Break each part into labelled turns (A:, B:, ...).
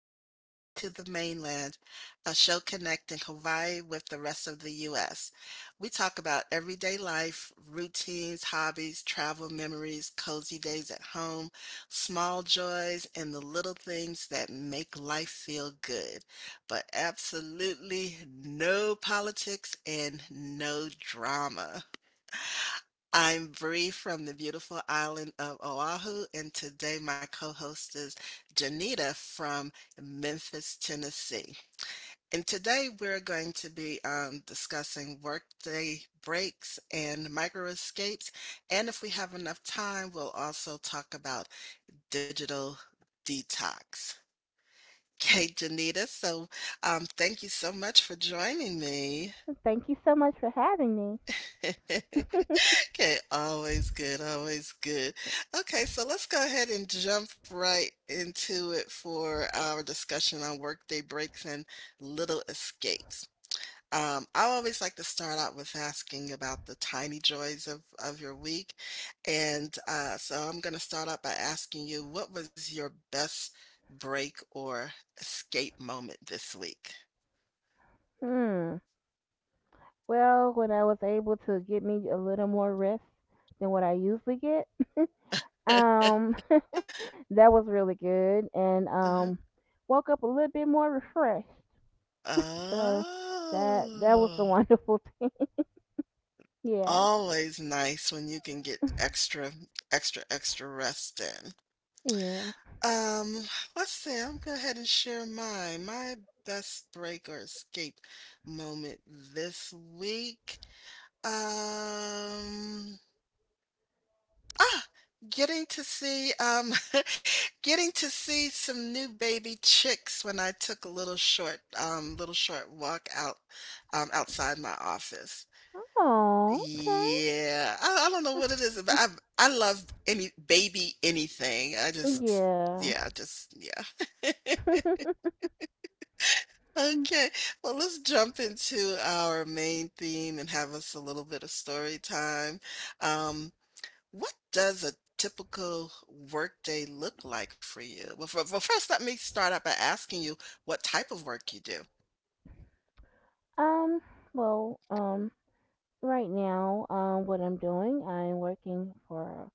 A: to Hawaii to the Mainland, a show connecting Hawaii with the rest of the U.S. We talk about everyday life, routines, hobbies, travel memories, cozy days at home, small joys, and the little things that make life feel good. But absolutely no politics and no drama. I'm Bree from the beautiful island of Oahu, and today my co host is Janita from Memphis, Tennessee. And today we're going to be discussing workday breaks and micro escapes. And if we have enough time, we'll also talk about digital detox. Okay, Janita, so thank you so much for joining me.
B: Thank you so much for having me.
A: Okay, always good, always good. Okay, so let's go ahead and jump right into it for our discussion on workday breaks and little escapes. I always like to start out with asking about the tiny joys of your week. And so I'm going to start out by asking you, what was your best break or escape moment this week?
B: Hmm. Well, when I was able to get me a little more rest than what I usually get, um, that was really good, and
A: Uh-huh.
B: woke up a little bit more refreshed. So that was the
A: Oh.
B: wonderful thing. Yeah.
A: Always nice when you can get extra, extra, extra rest in.
B: Yeah.
A: Um, let's see. I'm gonna go ahead and share my best break or escape moment this week. Um, ah, getting to see getting to see some new baby chicks when I took a little short walk out outside my office.
B: Oh, okay.
A: Yeah, I don't know what it is, but I love any baby anything. I just
B: Yeah.
A: yeah, just yeah. Okay, well, let's jump into our main theme and have us a little bit of story time. Um, what does a typical workday look like for you? Well, first, let me start out by asking you what type of work you do.
B: um, well, um, right now, what I'm doing, I'm working for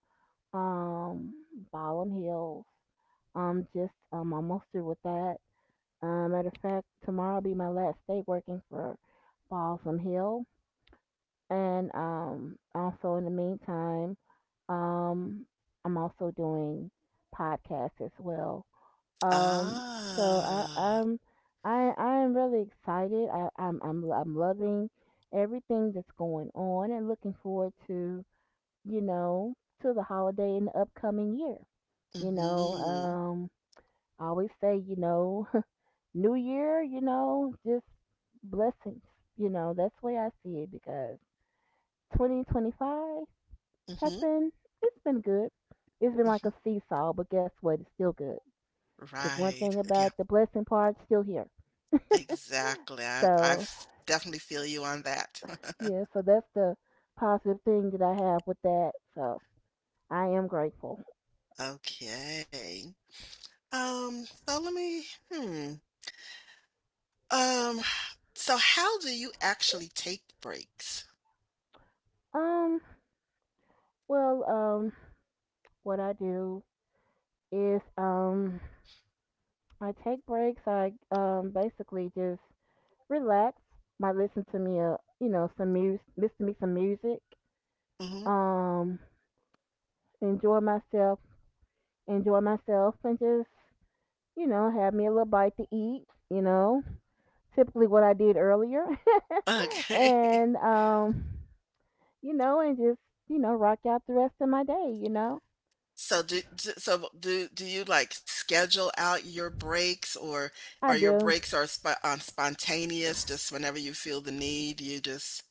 B: Um, Ballin Hills. Just almost through with that. Matter of fact, tomorrow will be my last day working for Balsam Hill, and also in the meantime, um, I'm also doing podcasts as well. Um, so I,
A: Ah,
B: I'm I I am really excited. I, I'm loving everything that's going on and looking forward to, you know to the holiday in the upcoming year. You know,
A: mm-hmm,
B: I always say, you know, New Year, you know, just blessings. You know, that's the way I see it because 2025 has
A: mm-hmm,
B: been, it's been good. It's been like a
A: mm-hmm.
B: seesaw, but guess what? It's still good. Because one
A: Right.
B: thing
A: Yeah.
B: about the blessing part, it's still here.
A: Exactly. I I
B: So,
A: f- definitely feel you on that.
B: yeah, so that's the positive thing that I have with that. So, I am grateful.
A: Okay. So let me, hmm. Um, so how do you actually take breaks?
B: Um, well, um, what I do is, I take breaks. I basically just relax. Might listen to me a, you know, some music, listen to me some music.
A: Hmm.
B: Um, Enjoy myself, enjoy myself, and just, you know, have me a little bite to eat. You know, typically what I did earlier,
A: Okay.
B: and you know, and just, you know, rock out the rest of my day. You know,
A: So do you like schedule out your breaks, or
B: I
A: your
B: do.
A: breaks are spontaneous, just whenever you feel the need, you just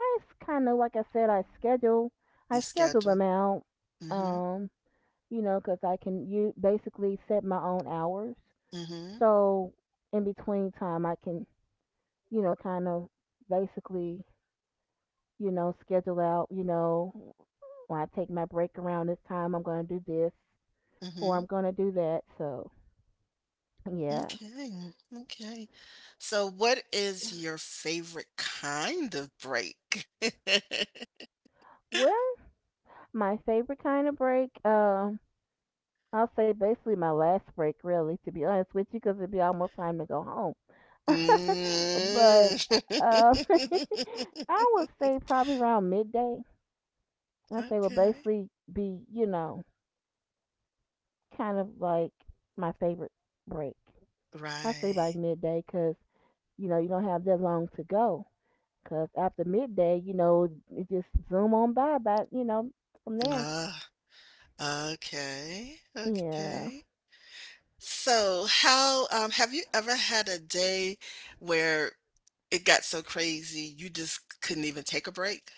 B: I kind of, like I said,
A: The
B: I schedule
A: schedule.
B: them out.
A: Mm.
B: Um, you know, because I can, you basically set my own hours.
A: Mhm,
B: So in between time, I can, you know, kind of basically, you know, schedule out, you know, when I take my break around this time, I'm going to do this
A: mhm,
B: or I'm
A: mhm.
B: going to do that. So yeah.
A: Okay, mm, okay. So what is your favorite kind of break?
B: Well, my favorite kind of break, I'll say basically my last break, really, to be honest with you, because it'd be almost time to go home. But
A: Mm.
B: um, I would say probably around midday. And I say will
A: Okay.
B: basically be, you know, kind of like my favorite break. I say like
A: Right.
B: midday because, you know, you don't have that long to go. Because after midday, you know, it just zoom on by, but, you know, from there.
A: Ah, okay,
B: Yeah.
A: okay. So how, have you ever had a day where it got so crazy you just couldn't even take a break?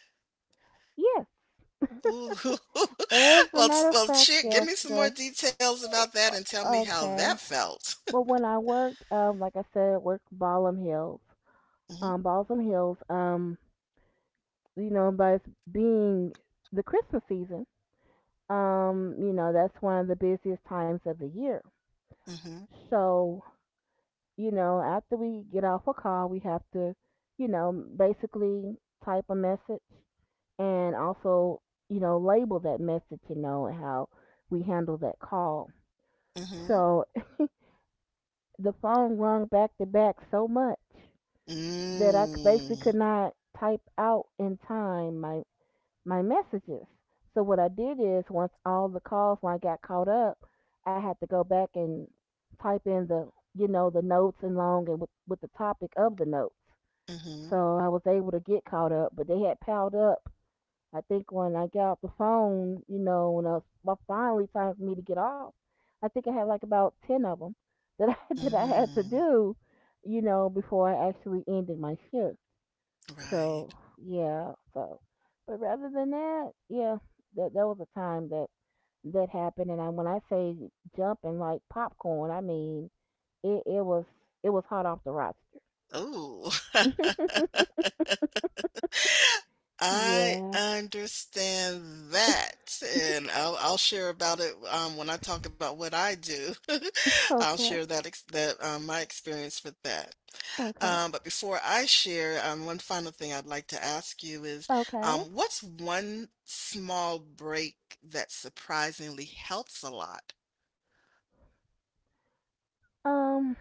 B: Yes.
A: Ooh.
B: As a
A: Well,
B: matter of
A: well,
B: fact,
A: shit. Give
B: yes.
A: me some more
B: Cause
A: details about that and tell me how that
B: okay.
A: felt.
B: But when I worked, like I said, I worked Ballam Hills.
A: Mm-hmm.
B: Balsam Hills, you know, but it's being the Christmas season, you know, that's one of the busiest times of the year.
A: Mm-hmm.
B: So, you know, after we get off a call, we have to, you know, basically type a message and also, you know, label that message, you know, and how we handle that call.
A: Mm-hmm.
B: So the phone rung back to back so much that I basically
A: Mm.
B: could not type out in time my messages. So what I did is once all the calls, when I got caught up, I had to go back and type in the, you know, the notes and long, and with the topic of the notes.
A: Mm-hmm.
B: So I was able to get caught up, but they had piled up. I think when I got off the phone, you know, when I was, well, finally time for me to get off, I think I had like about 10 of them that I, had to
A: Mm.
B: do, you know, before I actually ended my shift. So
A: Right.
B: yeah, so but rather than that, yeah, that that was a time that that happened, and I, when I say jumping like popcorn, I mean it. It was hot off the roster.
A: Ooh. I
B: Yeah.
A: understand that, and I'll share about it, when I talk about what I do. I'll
B: Okay.
A: share that my experience with that.
B: Okay.
A: But before I share, one final thing I'd like to ask you is,
B: Okay.
A: what's one small break that surprisingly helps a lot?
B: Um,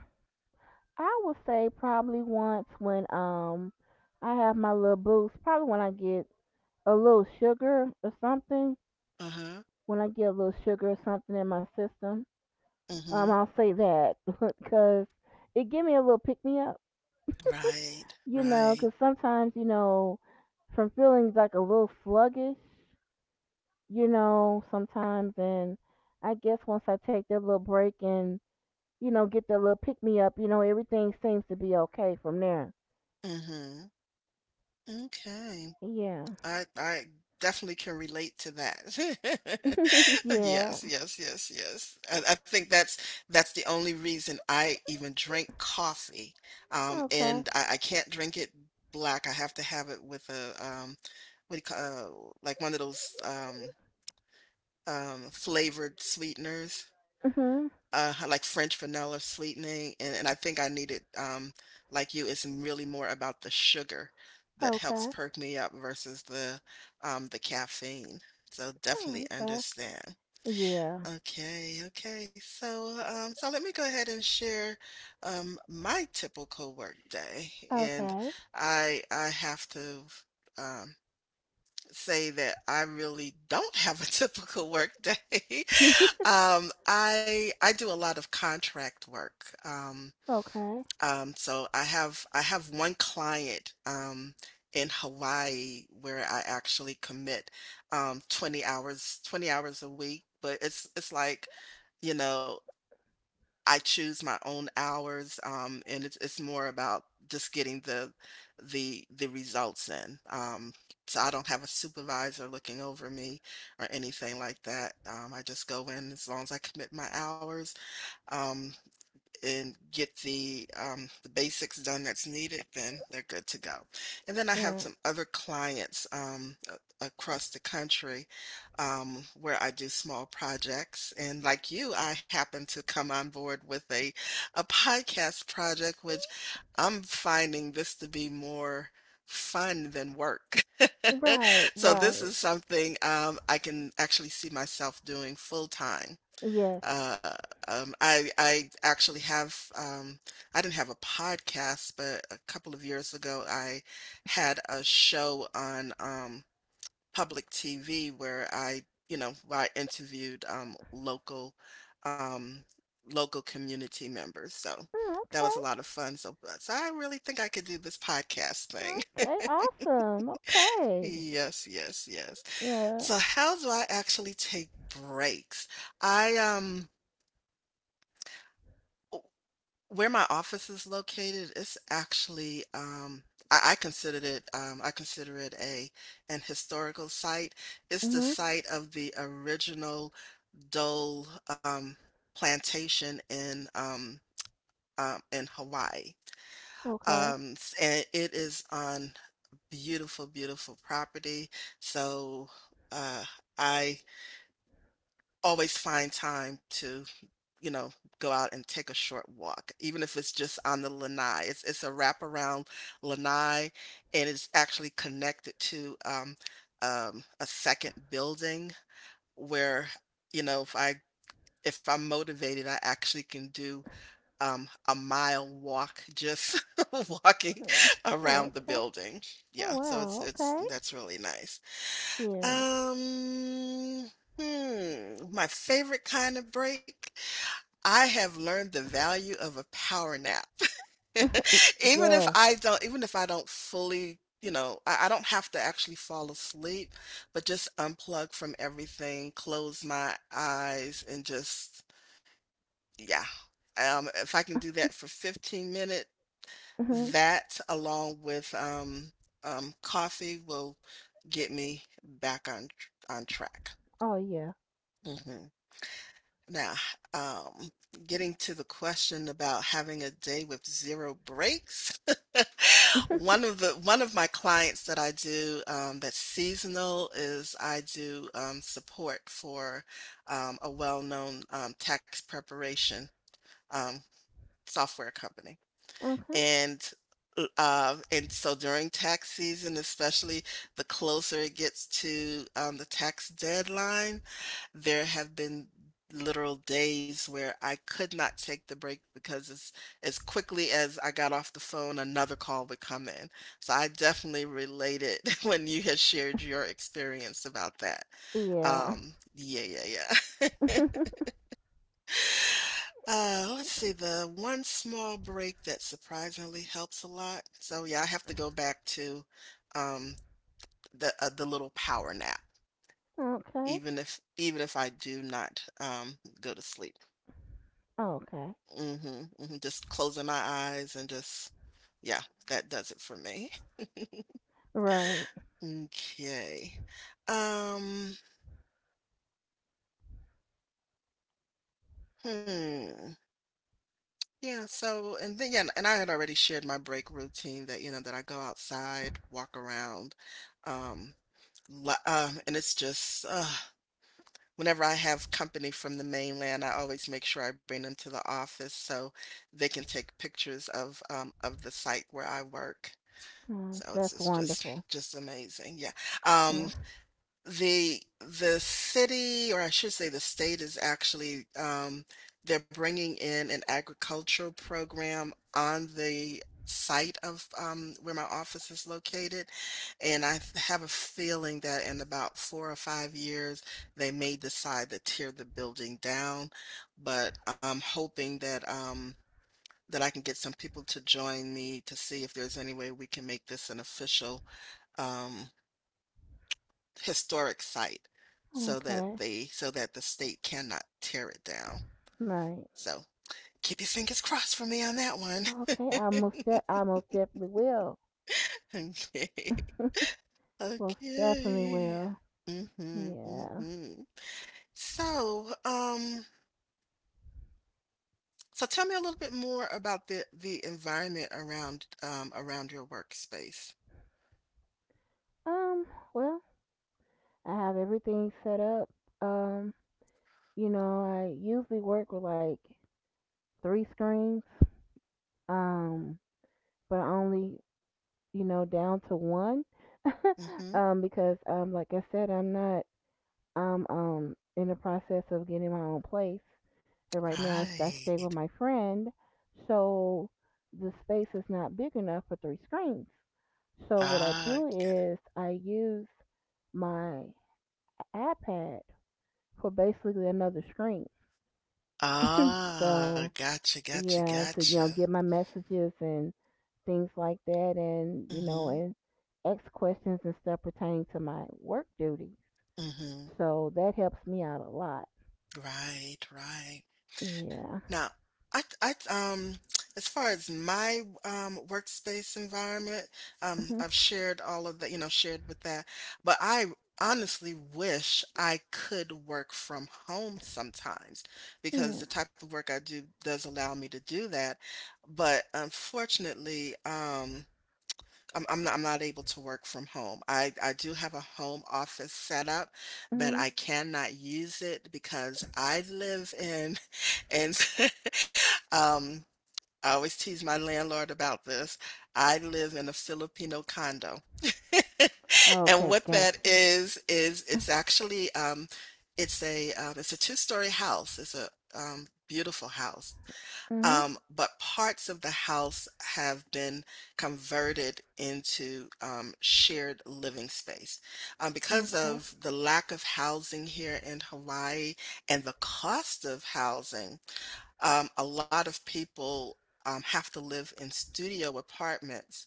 B: I would say probably once when I have my little boost, probably when I get a little sugar or something,
A: Uh-huh.
B: when I get a little sugar or something in my system.
A: Mhm.
B: I'll say that because it gave me a little pick me up,
A: Right.
B: you know.
A: Right.
B: Because sometimes, you know, from feeling like a little sluggish, you know, sometimes, and I guess once I take that little break and, you know, get that little pick me up, you know, everything seems to be okay from there.
A: Mhm. Okay.
B: Yeah.
A: I definitely can relate to that.
B: yeah.
A: Yes, yes, yes, yes. I think that's the only reason I even drink coffee.
B: Okay.
A: And I can't drink it black. I have to have it with a what do you call like one of those flavored sweeteners.
B: Mhm.
A: I like French vanilla sweetening, and I think I needed, like you, it's really more about the sugar that helps
B: Okay.
A: perk me up versus the caffeine. So
B: Mm,
A: definitely
B: okay.
A: understand.
B: Yeah.
A: Okay, okay. So so let me go ahead and share my typical work day, and
B: Okay.
A: I have to um, say that I really don't have a typical work day. I do a lot of contract work.
B: okay.
A: So I have one client in Hawaii where I actually commit 20 hours a week, but it's like, you know, I choose my own hours, and it's more about just getting the results in. So I don't have a supervisor looking over me or anything like that. I just go in as long as I commit my hours. Um, and get the basics done that's needed, then they're good to go. And then I have
B: Right.
A: some other clients across the country where I do small projects. And like you, I happen to come on board with a podcast project, which I'm finding this to be more fun than work.
B: Right.
A: So this
B: Right.
A: is something I can actually see myself doing full time.
B: Yes.
A: Uh, I actually have I didn't have a podcast, but a couple of years ago I had a show on public TV where I, you know, where I interviewed local um, local community members. So
B: Mm,
A: that was a lot of fun. So, so I really think I could do this podcast thing.
B: okay. Okay. Awesome. Okay.
A: Yes, yes, yes.
B: Yeah.
A: So how do I actually take breaks? I Where my office is located, it's actually I considered it I consider it a an historical site. It's the
B: Mhm.
A: site of the original Dole plantation in Hawaii.
B: Okay.
A: And it is on beautiful, beautiful property. So uh I always find time to you know, go out and take a short walk, even if it's just on the lanai. It's a wraparound lanai, and it's actually connected to a second building where, you know, if I'm motivated, I actually can do a mile walk just walking
B: Mm,
A: around the
B: okay.
A: building.
B: Oh
A: Yeah, so
B: wow.
A: it's
B: Okay.
A: that's really nice.
B: Yeah.
A: Um, hmm, my favorite kind of break. I have learned the value of a power nap.
B: Y- yes.
A: Even if I don't fully, you know, I don't have to actually fall asleep, but just unplug from everything, close my eyes and just yeah. If I can do that for 15 minutes,
B: Mhm.
A: that along with coffee will get me back on track.
B: Oh yeah.
A: Mhm. Now, um, getting to the question about having a day with zero breaks, one of my clients that I do that's seasonal is I do support for a well-known tax preparation um, software company,
B: okay.
A: and and so during tax season, especially the closer it gets to the tax deadline there have been literal days where I could not take the break because as quickly as I got off the phone, another call would come in. So I definitely related when you had shared your experience about that.
B: Yeah.
A: Yeah, yeah, yeah. Let's see, the one small break that surprisingly helps a lot. So yeah, I have to go back to um the little power nap,
B: okay.
A: even if I do not go to sleep.
B: Okay.
A: Mhm, mhm, just closing my eyes and just yeah, that does it for me.
B: Right.
A: Okay. Um, hmm. Yeah, so and then yeah, and I had already shared my break routine that, you know, that I go outside, walk around, um, and it's just whenever I have company from the mainland, I always make sure I bring them to the office so they can take pictures of the site where I work.
B: Mm,
A: So it's
B: that's wonderful.
A: just amazing. Yeah. Um
B: Yeah.
A: the city, or I should say the state, is actually they're bringing in an agricultural program on the site of where my office is located, and have a feeling that in about 4 or 5 years they may decide to tear the building down, but I'm hoping that that I can get some people to join me to see if there's any way we can make this an official um, historic site so that
B: Okay.
A: they so that the state cannot tear it down.
B: Right.
A: So keep your fingers crossed for me on that one.
B: Okay. I most definitely will.
A: Okay.
B: Most definitely
A: Okay.
B: will.
A: Mhm.
B: Yeah.
A: Mhm. So, so tell me a little bit more about the environment around around your workspace.
B: Um. Well. I have everything set up. Um, you know, I usually work with like three screens, um, but only, you know, down to one,
A: Mhm.
B: because like I said, I'm not, I'm in the process of getting my own place, and right now I stay
A: Right.
B: with my friend, so the space is not big enough for three screens. So what I
A: Ah,
B: do
A: g
B: is I use my iPad for basically another screen.
A: ah,
B: So
A: gotcha, gotcha,
B: yeah, to,
A: gotcha.
B: you know, get my messages and things like that, and, you know,
A: Mhm,
B: and ask questions and stuff pertaining to my work duty.
A: mhm.
B: So that helps me out a lot.
A: Right, right.
B: Yeah.
A: Now, I, I, um, as far as my workspace environment,
B: Mhm.
A: I've shared all of that, you know, shared with that. But I honestly wish I could work from home sometimes because
B: Yeah.
A: the type of work I do does allow me to do that. But unfortunately, I'm not able to work from home. I do have a home office set up, but
B: Mhm.
A: I cannot use it because I live in and um I always tease my landlord about this. I live in a Filipino condo. And
B: Okay,
A: what that
B: gotcha.
A: is it's actually it's a two-story house. It's a beautiful house.
B: Mhm.
A: But parts of the house have been converted into shared living space. Because
B: Okay.
A: of the lack of housing here in Hawaii and the cost of housing, a lot of people have to live in studio apartments.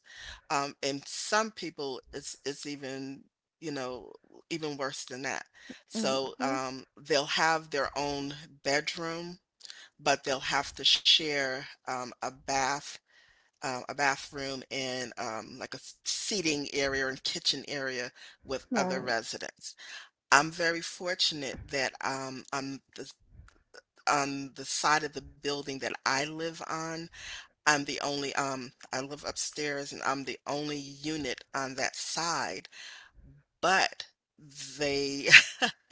A: And some people, it's even you know even worse than that. So
B: Okay.
A: um, they'll have their own bedroom, but they'll have to share a bathroom and like a seating area and kitchen area with other
B: Right.
A: residents. I'm very fortunate that on the side of the building that I live on, I'm the only I live upstairs and I'm the only unit on that side, but they,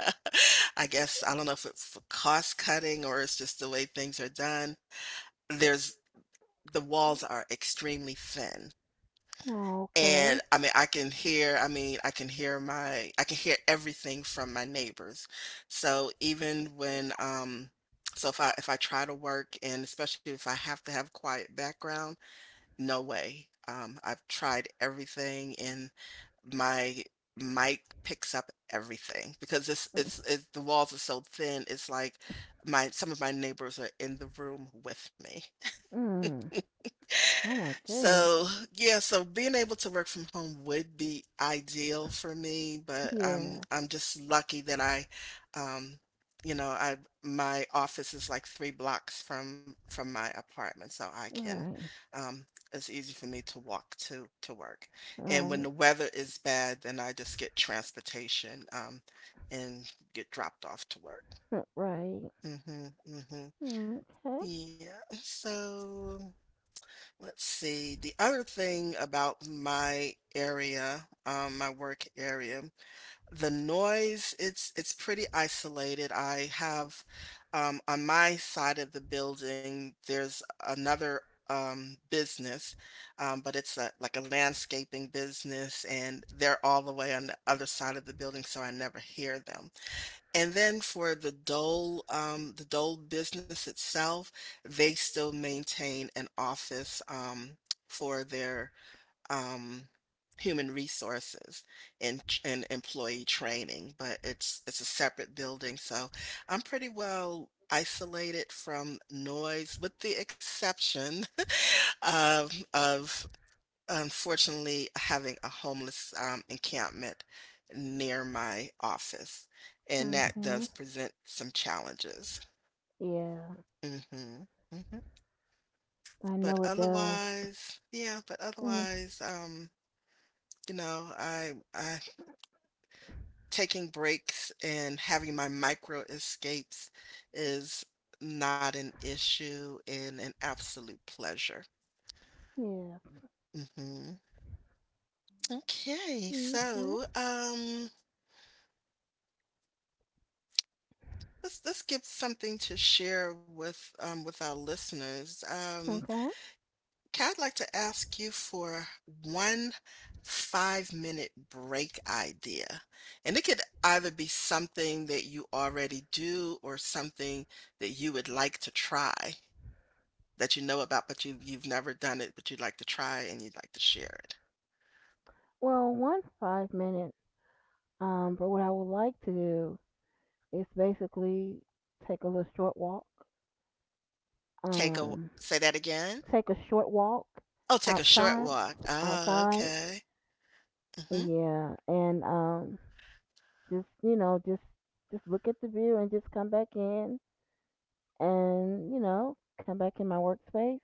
A: I guess, I don't know if it's for cost cutting or it's just the way things are done. There's The walls are extremely thin,
B: Okay.
A: and, I mean, I can hear my I can hear everything from my neighbors. So, so if I try to work, and especially if I have to have quiet background, no way. I've tried everything, and my mic picks up everything, because it's the walls are so thin, it's like my some of my neighbors are in the room with me.
B: Mm. Oh my goodness.
A: So, yeah, so being able to work from home would be ideal for me, but I'm
B: Yeah.
A: I'm just lucky that um I, my office is like 3 blocks from my apartment, so I can
B: Right.
A: um it's easy for me to walk to work. And when
B: Right.
A: the weather is bad, then I just get transportation and get dropped off to work.
B: Right.
A: Mhm. Mhm.
B: Okay.
A: Yeah. So let's see. The other thing about my area, my work area, the noise, it's pretty isolated. I have on my side of the building, there's another business, but it's a, like a landscaping business, and they're all the way on the other side of the building, so I never hear them. And then for the Dole business itself, they still maintain an office for their um, human resources and employee training, but it's a separate building, so I'm pretty well isolated from noise, with the exception of unfortunately having a homeless encampment near my office, and that
B: Okay.
A: does present some challenges.
B: Yeah.
A: hmm hmm
B: I
A: But
B: know it does.
A: otherwise, yeah. But
B: Mm.
A: otherwise, you know, I taking breaks and having my micro escapes is not an issue and an absolute pleasure.
B: Yeah.
A: hmm Okay,
B: Okay.
A: so let's give something to share with our listeners.
B: Okay.
A: Kat, I'd like to ask you for one 5-minute break idea, and it could either be something that you already do or something that you would like to try that you know about, but you've never done it, but you'd like to try and you'd like to share it.
B: Well, one's 5 minutes. But what I would like to do is basically take a little short walk.
A: Take a
B: Um,
A: Say that again.
B: take a short walk
A: Oh, take a short
B: outside.
A: walk. Ah,
B: Outside.
A: okay. Mm-hmm.
B: Yeah. And just, you know, just look at the view and just come back in, and, you know, come back in my workspace.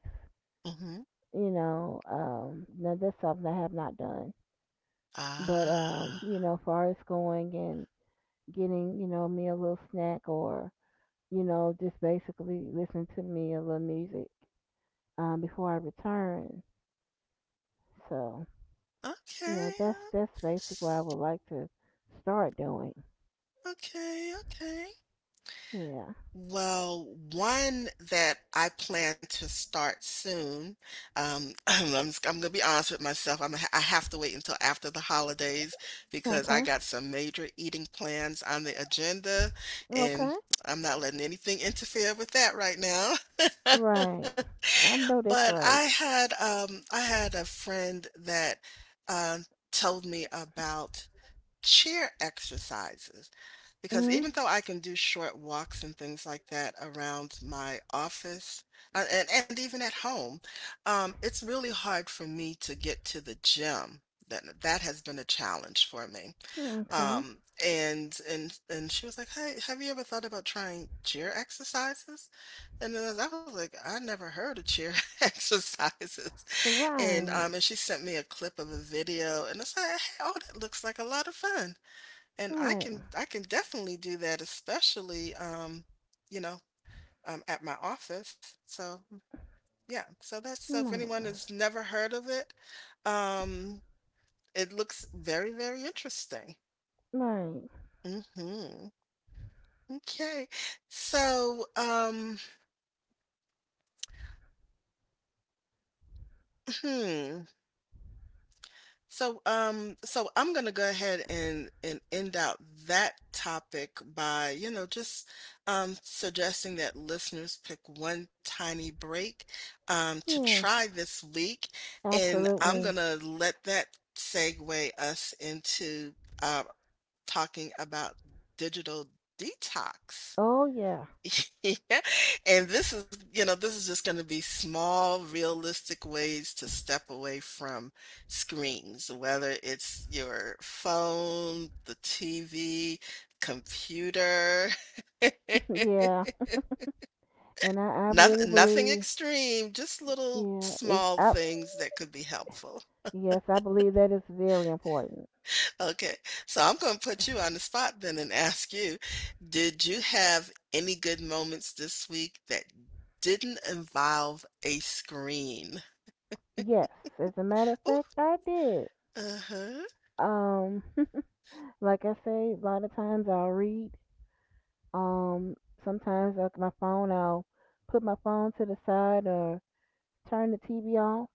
A: Mm-hmm.
B: You know, now that's something I have not done. But
A: Ah.
B: you know, far as going and getting, you know, me a little snack or, you know, just basically listening to me a little music before I return. So, yeah,
A: Okay,
B: that's
A: uh,
B: basically what I would like to start doing.
A: okay, okay.
B: Yeah.
A: Well, one that I plan to start soon, I'm gonna be honest with myself. I have to wait until after the holidays because I
B: Okay.
A: got some major eating plans on the agenda, and
B: Okay.
A: I'm not letting anything interfere with that right now.
B: Right. I know that's
A: But
B: right.
A: I had a friend that um told me about chair exercises, because
B: Mhm.
A: even though I can do short walks and things like that around my office and, even at home, it's really hard for me to get to the gym. That has been a challenge for me.
B: Okay.
A: Um, and she was like, "Hey, have you ever thought about trying chair exercises?" And then I was like, "I never heard of chair exercises." And
B: Right.
A: she sent me a clip of a video, and I said, "Hey, oh, that looks like a lot of fun. And I
B: Right.
A: can, I can definitely do that, especially you know, at my office." So yeah, so that's, so if anyone has
B: Right.
A: never heard of it, um, it looks very, very interesting.
B: Right.
A: Mm-hmm. Okay. So, hmm. I'm gonna go ahead and end out that topic by, you know, just suggesting that listeners pick one tiny break to
B: Yes.
A: try this week. And I'm
B: Absolutely.
A: gonna let that segue us into uh talking about digital detox.
B: Oh yeah.
A: Yeah. And this is, you know, this is just going to be small, realistic ways to step away from screens, whether it's your phone, the TV, computer.
B: yeah. And I really
A: Nothing, nothing
B: believe,
A: extreme, just little
B: yeah, it's
A: small
B: I.
A: things that could be helpful.
B: Yes, I believe that is very important.
A: Okay, so I'm gonna put you on the spot then and ask you, did you have any good moments this week that didn't involve a screen?
B: Yes, as a matter of
A: Ooh,
B: fact, I did.
A: uh-huh.
B: Um, like I say, a lot of times I'll read. Um, sometimes like my phone, I'll put my phone to the side or turn the TV off,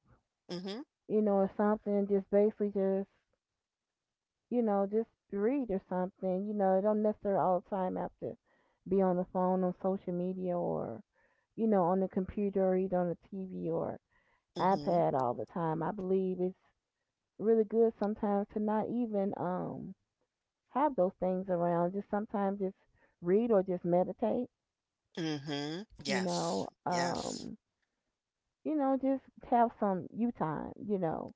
A: Mhm.
B: you know, or something. Just basically just, you know, just read or something. You know, it don't necessarily all the time have to be on the phone on social media or, you know, on the computer or even on the TV or
A: Mhm.
B: iPad all the time. I believe it's really good sometimes to not even have those things around. Just sometimes just read or just meditate,
A: Mhm.
B: you
A: Yes.
B: know.
A: Yes.
B: You know, just have some you time, you know.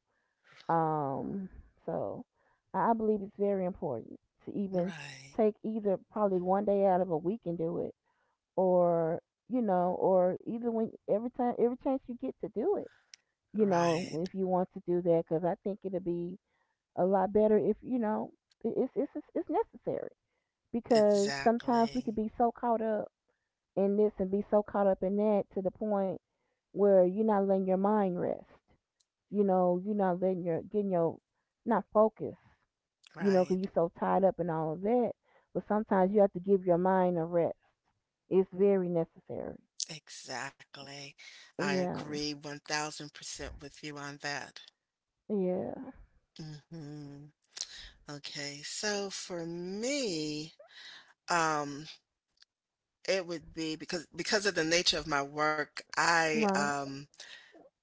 B: Um, so I believe it's very important to even
A: Right.
B: take either probably one day out of a week and do it, or, you know, or either when, every time, every chance you get to do it, you know,
A: Right.
B: if you want to do that, because I think it'll be a lot better if you know. It's necessary, because sometimes we could
A: Exactly.
B: be so caught up in this and be so caught up in that to the point where you're not letting your mind rest. You know, you're not letting your, getting your, not focused. You know, because 'cause
A: Right.
B: you're so tied up in all of that. But sometimes you have to give your mind a rest. It's very necessary.
A: Exactly. I
B: Yeah,
A: agree 1000% with you on that.
B: yeah,
A: Mhm. Okay, so for me, um It would be because of the nature of my work,
B: right.
A: um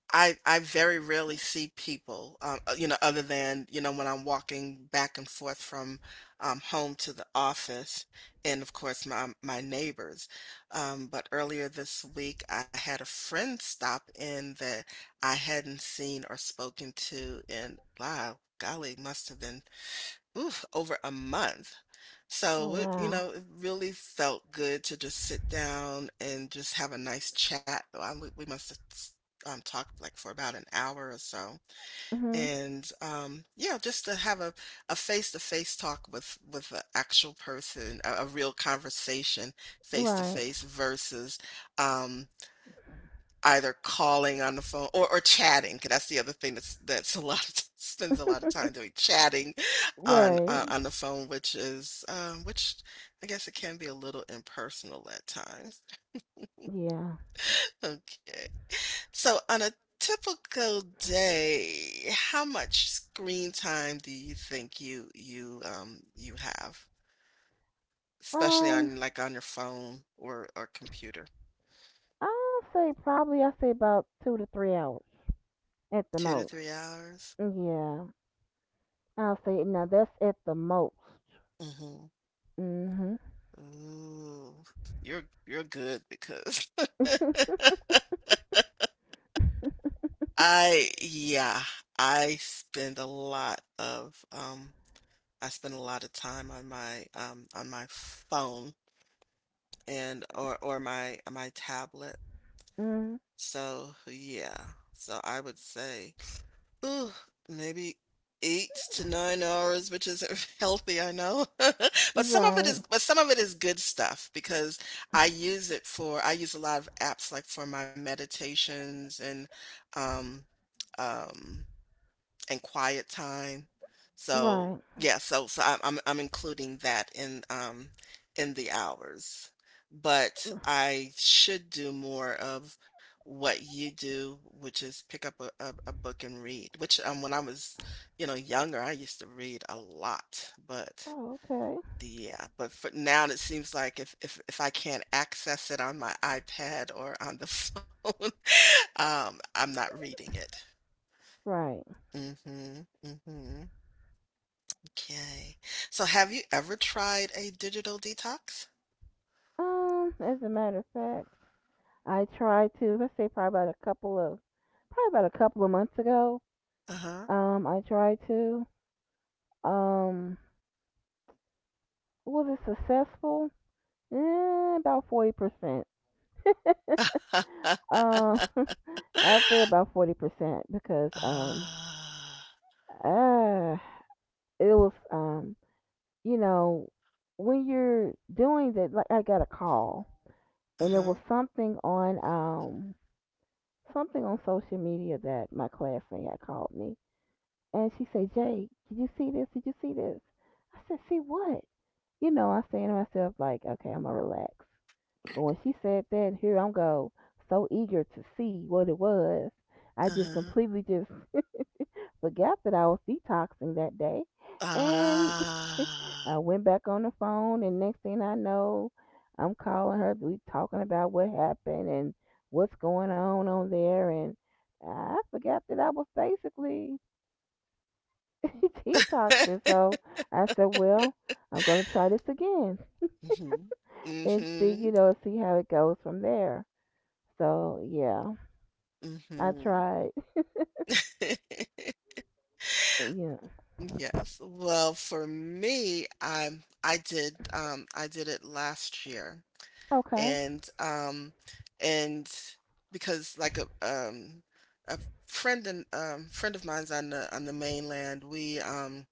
A: I I very rarely see people, you know, other than, you know, when I'm walking back and forth from home to the office, and of course my my neighbors. But earlier this week I had a friend stop in that I hadn't seen or spoken to in, wow, golly, must have been, oof, over a month.
B: Oh
A: So it, you
B: wow.
A: know, it really felt good to just sit down and just have a nice chat. I, we must have talked like for about an hour or so,
B: Mhm.
A: and yeah, just to have a face to face talk with an actual person, a real conversation, face to
B: Right.
A: face versus um, either calling on the phone or chatting, 'cause that's the other thing that's a lot of spends a lot of time doing, chatting on
B: right.
A: the phone, which is, which I guess it can be a little impersonal at times.
B: Yeah.
A: Okay. So on a typical day, how much screen time do you think you have? Especially
B: Um.
A: on, like, on your phone or computer?
B: I'll say probably, I say about 2 to 3 hours at the
A: 2 to 3
B: most.
A: hours?
B: Yeah, I'll say now that's at the most.
A: Mhm.
B: Mhm.
A: Ooh, you're good because I yeah, I spend a lot of I spend a lot of time on my phone and or my tablet.
B: mm,
A: So, yeah. So I would say, Ooh, maybe 8 to 9 hours, which isn't healthy, I know. But some of it
B: right.
A: is but some of it is good stuff because I use a lot of apps, like for my meditations um um and quiet time. So,
B: Right.
A: yeah, so so I'm including that in the hours. But I should do more of what you do, which is pick up a, a book and read, which when I was, you know, younger, I used to read a lot, but
B: Oh, okay.
A: yeah, but for now it seems like if I can't access it on my iPad or on the phone, I'm not reading it.
B: Right.
A: Mm-hmm. Mm-hmm. Okay. So have you ever tried a digital detox?
B: As a matter of fact, I tried to. Let's say probably about a couple of probably about a couple of months ago.
A: Uh-huh.
B: I tried to. Um, was it successful? Eh, about 40%. Um, I'll say about 40% because
A: Ah.
B: uh it was, you know, when you're doing that, like, I got a call, and it was
A: Uh-huh.
B: something on, something on social media that my classmate had called me, and she said, "Jay, did you see this " I said, "See what?" You know, I'm saying to myself, like, okay, I'm gonna relax, but when she said that, here I'm go, so eager to see what it was, I just
A: Uh-huh.
B: completely just forgot that I was detoxing that day. And
A: Ah.
B: I went back on the phone, and next thing I know, I'm calling her. We talking about what happened and what's going on there, and I forgot that I was basically detoxing. So I said, "Well, I'm gonna try this again
A: Mhm.
B: and see, you
A: Mhm.
B: know, see how it goes from there." So yeah, I
A: Mhm.
B: tried. Yeah.
A: Yes. Well, for me, I did it last year,
B: Okay.
A: and and because, like, a friend, and friend of mine's on the mainland, we um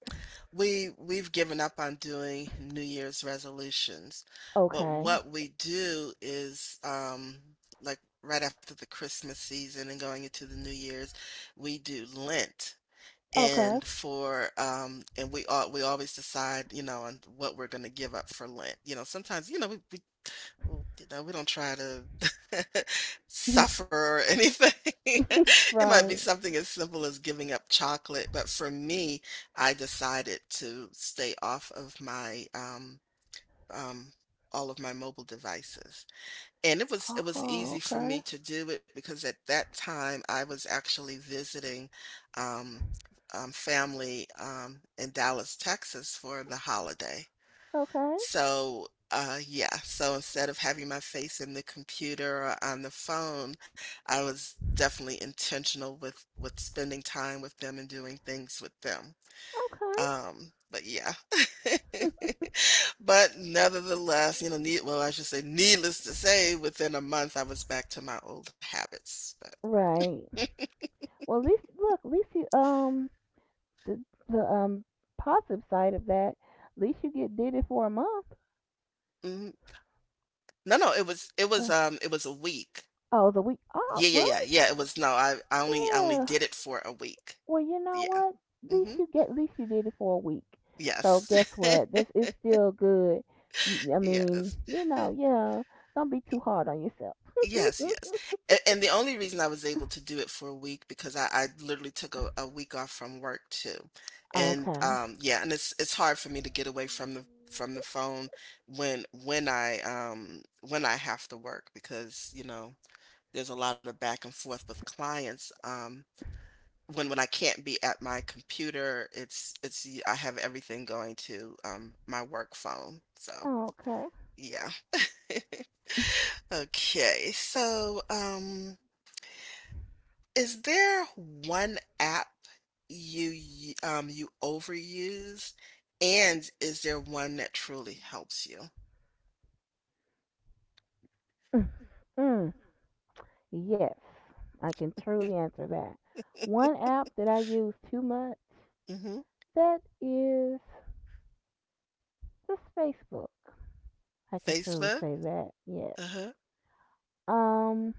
A: we we've given up on doing New Year's resolutions, but
B: Okay.
A: what we do is, like right after the Christmas season and going into the New Year's, we do Lent.
B: Okay.
A: And for and we all, we always decide, you know, on what we're going to give up for Lent. You know, sometimes, you know, we, well, you know, we don't try to suffer or anything. It might be
B: Right.
A: something as simple as giving up chocolate, but for me, I decided to stay off of my um all of my mobile devices. And it was, it was easy
B: Oh,
A: for me
B: okay.
A: to do it because at that time I was actually visiting um family in Dallas, Texas for the holiday.
B: Okay.
A: So, yeah, so instead of having my face in the computer or on the phone, I was definitely intentional with spending time with them and doing things with them.
B: Okay.
A: But yeah. But nevertheless, you know, I should say, needless to say, within a month I was back to my old habits. But
B: Right. Well, at least look, at least you the the positive side of that. At least you get did it for a month.
A: mhm. No, it was,
B: Ugh.
A: it was a week.
B: Oh, the week.
A: Yeah,
B: Oh,
A: yeah,
B: well,
A: yeah, yeah. It was, no, I only
B: yeah.
A: did it for a week.
B: Well, you know
A: Yeah.
B: what? At
A: hmm
B: least you get. At least you did it for a week. So
A: Yes.
B: guess what? This is still good. I mean,
A: Yes.
B: yeah. Don't be too
A: Y
B: hard on yourself.
A: yes, and the only reason I was able to do it for a week because I literally took a week off from work too, and,
B: Okay.
A: yeah, and it's hard for me to get away from the phone when I, when I have to work because, you know, there's a lot of back and forth with clients, when I can't be at my computer, it's I have everything going to, my work phone, so,
B: Okay.
A: yeah. Okay, so is there one app you you overuse, and is there one that truly helps you?
B: Mm. Mm. Yes, I can truly answer that. One app that I use too much,
A: Mm-hmm.
B: that is this Facebook. I can truly
A: Facebook?
B: say that. Yes.
A: Uh-huh.
B: Um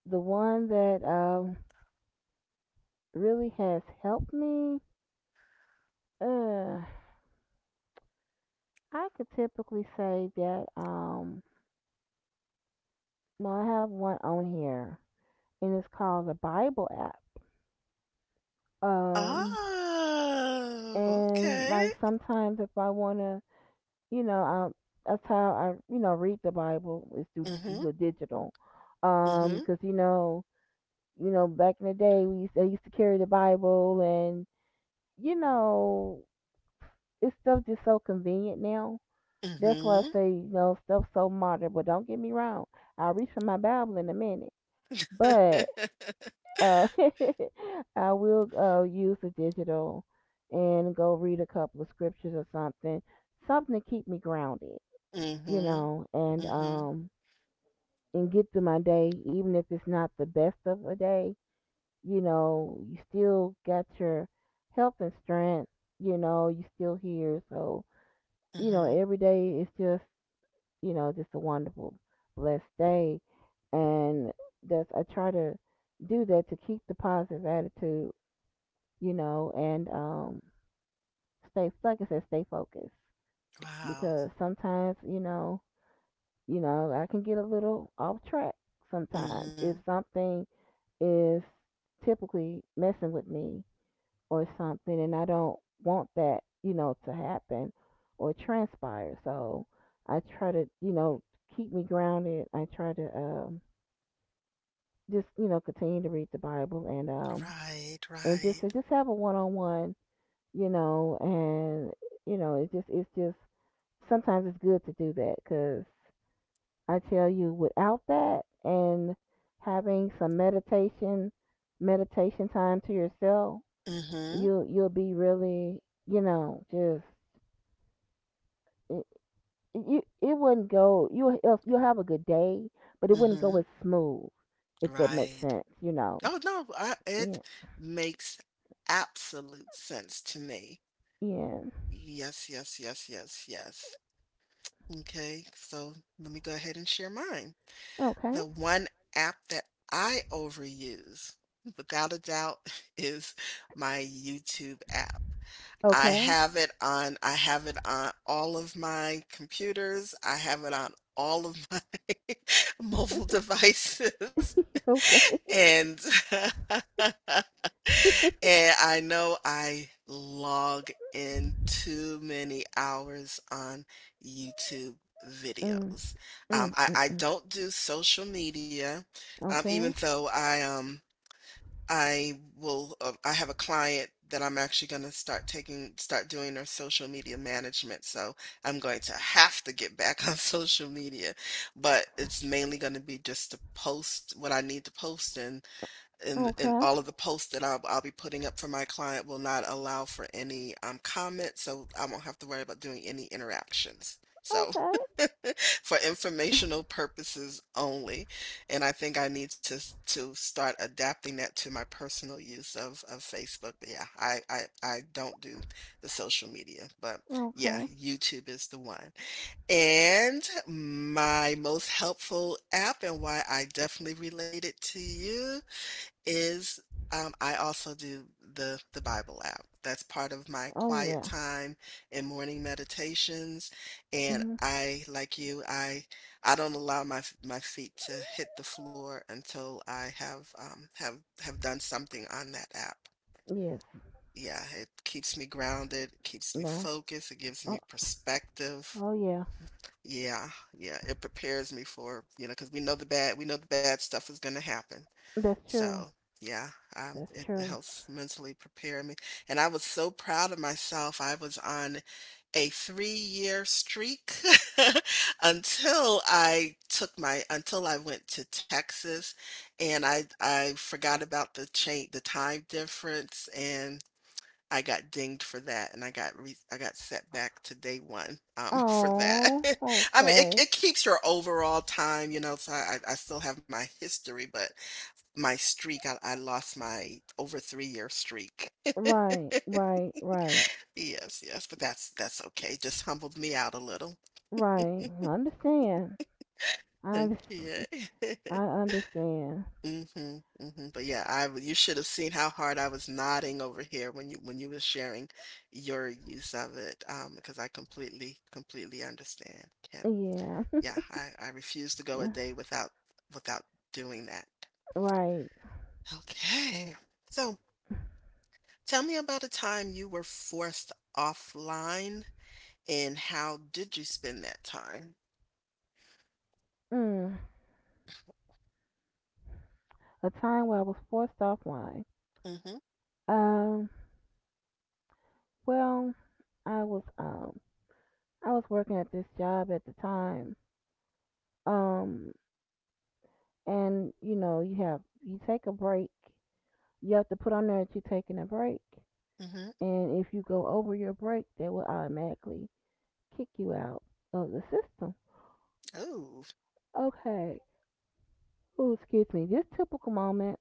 B: the one that really has helped me, uh I could typically say that well I have one on here, and it's called the Bible app. Um
A: Oh,
B: and
A: okay.
B: like sometimes if I wanna You know, um, that's how I read the Bible is through
A: Mm-hmm.
B: the digital.
A: Mm-hmm.
B: 'Cause you know, back in the day I used to carry the Bible, and you know, it's stuff just so convenient now. That's why I
A: Mm-hmm.
B: say, stuff so modern. But don't get me wrong, I'll reach for my Bible in a minute, but uh, I will use the digital and go read a couple of scriptures or something, something to keep me grounded,
A: Mm-hmm.
B: and
A: Mm-hmm.
B: get through my day, even if it's not the best of a day. You know, you still got your health and strength. You know, you still here. So,
A: Mm-hmm.
B: every day is just, you know, just a wonderful, blessed day. And that's, I try to do that to keep the positive attitude, and stay, like I said, stay focused.
A: Wow.
B: Because sometimes, I can get a little off track sometimes if
A: Mm-hmm.
B: something is typically messing with me or something, and I don't want that to happen or transpire. So I try to, keep me grounded. I try to, just, continue to read the Bible,
A: Right,
B: and just
A: right.
B: have a one on one, and it's just sometimes it's good to do that. Because I tell you, without that and having some meditation time to yourself,
A: Mm-hmm.
B: you'll be really, just it, you it wouldn't go. You'll have a good day, but it wouldn't go
A: Mm-hmm.
B: as smooth if that makes
A: Right.
B: sense.
A: Oh, no, I it
B: Yeah.
A: makes absolute sense to me.
B: Yeah.
A: Yes, yes, yes, yes, yes. Okay, so let me go ahead and share mine.
B: Okay.
A: The one app that I overuse, without a doubt, is my YouTube app.
B: Okay.
A: I have it on all of my computers. I have it on all of my mobile devices.
B: Okay.
A: And and I know I log in too many hours on YouTube
B: Mm,
A: videos.
B: mm, mm,
A: I
B: mm.
A: don't do social media, even
B: Okay.
A: though I have a client that I'm actually going to start doing their social media management. So I'm going to have to get back on social media, but it's mainly going to be just to post what I need to post and
B: Okay.
A: all of the posts that I'll be putting up for my client will not allow for any comments, so I won't have to worry about doing any interactions. So
B: Okay.
A: for informational purposes only, and I think I need to start adapting that to my personal use of Facebook. But yeah, I don't do the social media, but yeah,
B: Okay.
A: YouTube is the one. And my most helpful app and why I definitely relate it to you is, I also do the Bible app. That's part of my
B: Oh
A: quiet
B: yeah.
A: time and morning meditations.
B: Mm
A: And
B: hmm.
A: I, like you, I don't allow my feet to hit the floor until I have have done something on that app.
B: Yes.
A: Yeah, it keeps me grounded, it keeps me
B: Right.
A: focused, it gives
B: Oh.
A: me perspective.
B: Oh yeah.
A: Yeah, yeah, it prepares me for, you know, because we know we know the bad stuff is going to happen.
B: That's
A: So,
B: true.
A: yeah,
B: That's
A: it
B: true.
A: helps mentally prepare me. And I was so proud of myself. I was on a three-year streak until I took my until I went to Texas, and I forgot about the change, the time difference, and I got dinged for that, and I got set back to day one for that.
B: Oh.
A: I mean,
B: Okay.
A: it keeps your overall time, you know. So I still have my history, but. My streak, I lost my over 3-year streak.
B: Right. Right. Right.
A: Yes, yes, but that's okay, just humbled me out a little.
B: Right. I understand. I under-
A: Okay.
B: I understand.
A: Mhm, mhm, but yeah, I w you should have seen how hard I was nodding over here when you was sharing your use of it. Because I completely, completely understand. Can't
B: Yeah.
A: yeah, I refuse to go a day without without doing that.
B: Right.
A: Okay. So, tell me about a time you were forced offline. And how did you spend that time?
B: Mm. A time where I was forced offline.
A: Mm, mhm,
B: Um. Well, I was um I was working at this job at the time. Um. And you know you have, you take a break. You have to put on there that you're taking a break.
A: mm mhm.
B: And if you go over your break, they will automatically kick you out of the system.
A: Oh,
B: Okay. Ooh, excuse me. This typical moment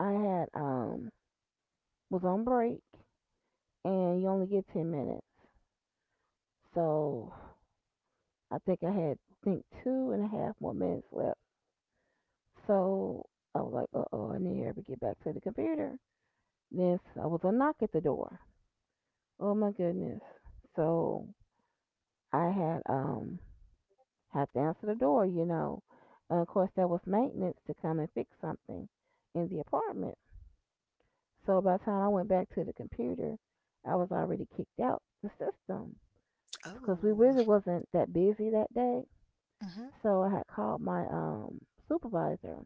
B: I had was on break, and you only get 10 minutes. So I think I had think 2.5 more minutes left. So I was like, uh oh, I need to ever get back to the computer. Then I was a knock at the door. Oh my goodness. So I had to answer the door, you know. And of course that was maintenance to come and fix something in the apartment. So by the time I went back to the computer, I was already kicked out the system, because we
A: oh.
B: really wasn't that busy that day.
A: Mm, mhm,
B: So I had called my supervisor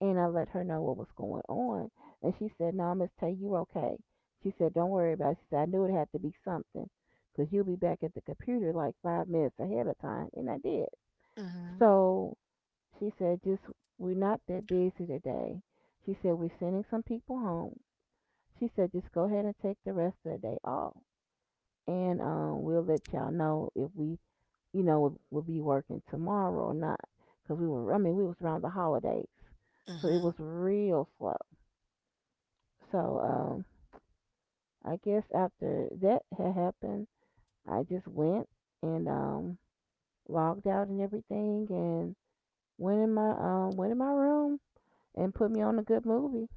B: and I let her know what was going on, and she said, "No, Miss Tay, you're okay." She said, "Don't worry about it." She said, "I knew it had to be something because you'll be back at the computer like 5 minutes ahead of time," and I did.
A: mm
B: So she said, "Just we're not that busy today." She said, "We're sending some people home." She said, "Just go ahead and take the rest of the day off, and we'll let y'all know if we will be working tomorrow or not." I mean, we was around the holidays,
A: mhm,
B: so
A: mm
B: it
A: mhm.
B: was real slow. So, I guess after that had happened, I just went and, logged out and everything, and went in my room and put me on a good movie.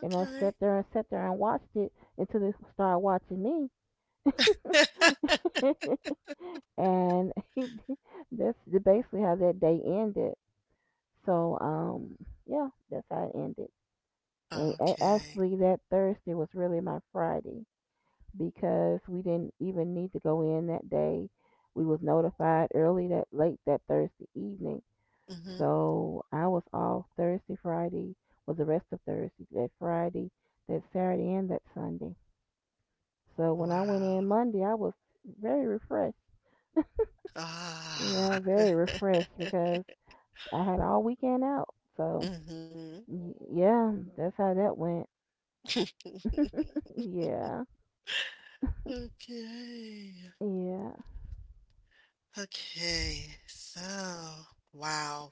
B: And I sat there and watched it until they started watching me. And that's basically how that day ended. So, yeah, that's how it ended. And
A: okay.
B: actually, that Thursday was really my Friday, because we didn't even need to go in that day. We was notified early that late that Thursday evening.
A: Mm, mhm.
B: So I was off Thursday, Friday, was the rest of Thursday, that Friday, that Saturday, and that Sunday. So when I went
A: Wow.
B: in Monday, I was very refreshed. Yeah,
A: Ah.
B: very refreshed because I had all weekend out. So
A: mm, mhm.
B: yeah, that's how that went. Yeah,
A: Okay,
B: yeah,
A: okay. So, wow.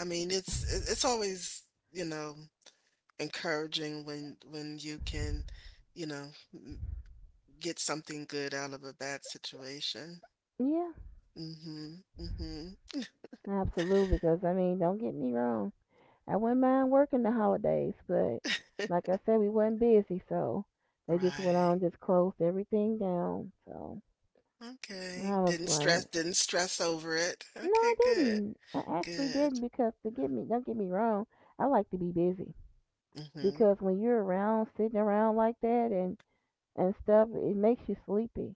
A: I mean, it's always, you know, encouraging when you can, you know, get something good out of a bad situation.
B: yeah,
A: Mhm, mhm.
B: absolutely. Because I mean, don't get me wrong, I wouldn't mind working the holidays, but like I said, we wasn't busy, so they just went
A: Right.
B: on, just closed everything down. So
A: Okay.
B: I was like,
A: Didn't stress over it.
B: no, I
A: Okay, good.
B: didn't. I actually didn't,
A: Good.
B: because don't get me wrong, I like to be busy
A: Mhm.
B: because when you're around, sitting around like that and stuff, it makes you sleepy.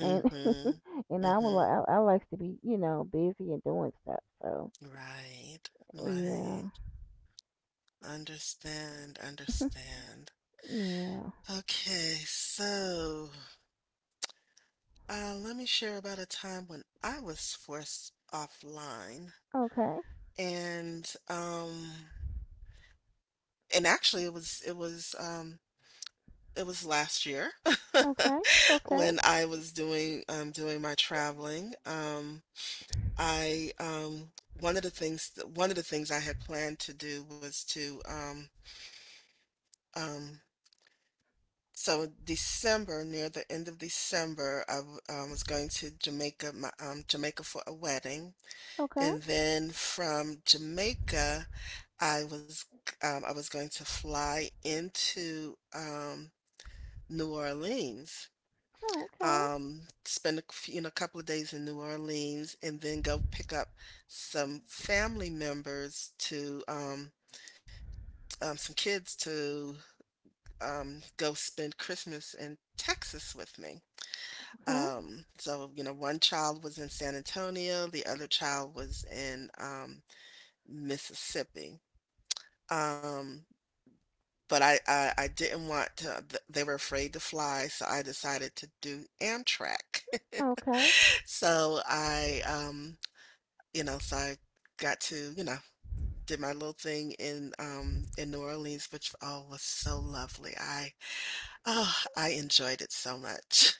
B: And and I would like
A: Mhm.
B: I, I likes to be you know busy and doing stuff. So
A: Right. Right.
B: yeah.
A: Understand, understand.
B: Yeah.
A: Okay, so let me share about a time when I was forced offline,
B: Okay.
A: and um, and actually it was last year
B: Okay. Okay.
A: when I was doing doing my traveling. I one of the things I had planned to do was to um so December near the end of December was going to Jamaica for a wedding
B: Okay.
A: and then from Jamaica I was I was going to fly into New Orleans,
B: Okay.
A: spend a few, you know, a couple of days in New Orleans, and then go pick up some family members to some kids to go spend Christmas in Texas with me.
B: Okay.
A: So you know, one child was in San Antonio, the other child was in Mississippi. Um, but I didn't want to. They were afraid to fly, so I decided to do Amtrak.
B: Okay.
A: So I you know, so I got to, you know, did my little thing in New Orleans, which all was so lovely. I enjoyed it so much.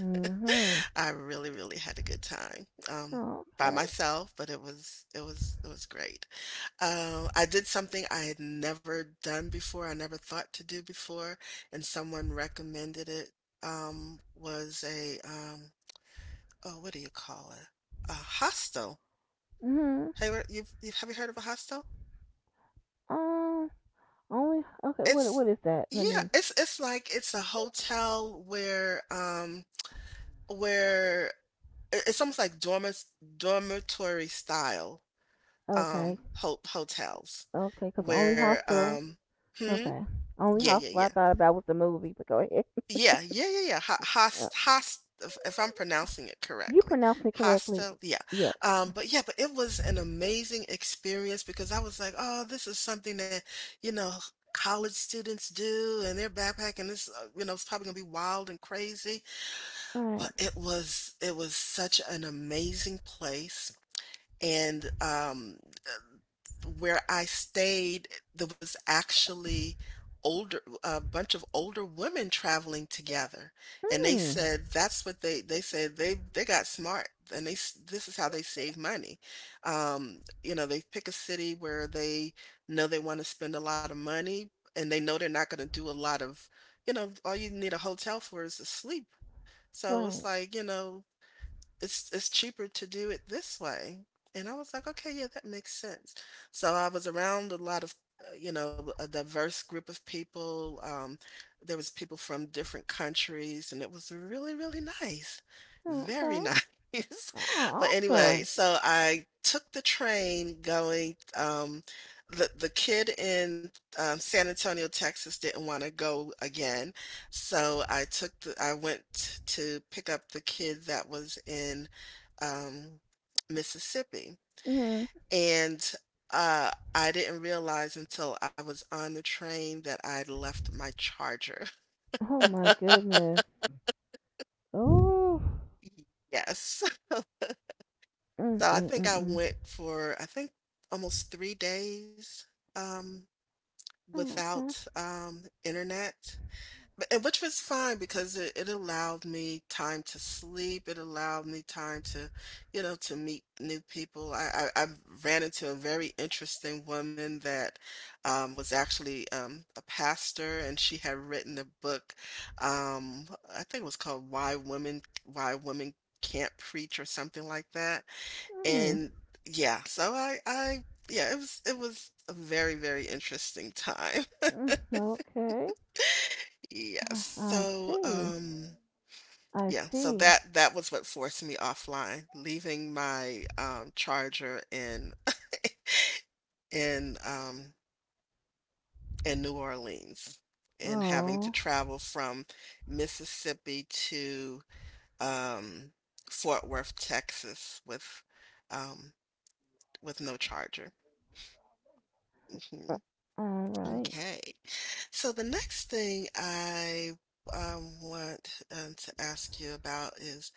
B: Mm-hmm.
A: I really, really had a good time. By
B: Okay.
A: myself, but it was great. I did something I had never done before, I never thought to do before, and someone recommended it. Was a oh, what do you call it? A hostel,
B: Mm-hmm.
A: have you've- have you heard of a hostel?
B: Um. Only. Okay. What?
A: It's
B: What is that? Let
A: yeah,
B: me.
A: it's a hotel where where it's almost like dormitory style
B: Okay.
A: ho hotels
B: Okay. Cause only
A: where
B: hostel.
A: hmm
B: Okay. Only
A: yeah yeah
B: hostel
A: yeah.
B: I thought about was the movie. But go ahead.
A: Yeah, yeah, yeah, yeah.
B: Uh,
A: Host, host. If I'm pronouncing it
B: you
A: correctly,
B: pronounced it correctly.
A: hostel. Yeah.
B: Yes.
A: But yeah. But it was an amazing experience because I was like, oh, this is something that you know college students do, and they're backpacking. This, you know, it's probably gonna be wild and crazy. But
B: Right.
A: it was such an amazing place, and where I stayed, there was actually older a bunch of older women traveling together, and they
B: Mm.
A: said that's what they said they got smart and they this is how they save money. You know, they pick a city where they know they want to spend a lot of money and they know they're not going to do a lot of, you know, all you need a hotel for is to sleep. So it's
B: Right.
A: like, you know, it's cheaper to do it this way. And I was like, okay, yeah, that makes sense. So I was around a lot of, you know, a diverse group of people. There was people from different countries, and it was really, really nice, very
B: Okay.
A: nice.
B: Oh,
A: But anyway,
B: awesome.
A: so I took the train going. The kid in San Antonio, Texas, didn't want to go again, so I took the I went to pick up the kid that was in um, Mississippi,
B: Mm.
A: and I didn't realize until I was on the train that I'd left my charger.
B: Oh my goodness. Oh.
A: Yes.
B: Mm
A: So
B: mm mm
A: I
B: mm.
A: went for I think almost 3 days um,
B: Oh, okay.
A: without internet. But and which was fine because it allowed me time to sleep, it allowed me time to, you know, to meet new people. I ran into a very interesting woman that was actually a pastor, and she had written a book. Um, I think it was called "Why Women Why Women Can't Preach" or something like that.
B: Mm.
A: And yeah, so I yeah, it was a very very interesting time.
B: Okay.
A: Yes.
B: I
A: So
B: see.
A: um.
B: I
A: Yeah, so
B: see.
A: that that was what forced me offline, leaving my, charger in in, um, in New Orleans and having to
B: Oh.
A: travel from Mississippi to, um, Fort Worth, Texas um, with no charger. Mhm.
B: Uh, all right.
A: Okay. So the next thing I, want, to ask you about is,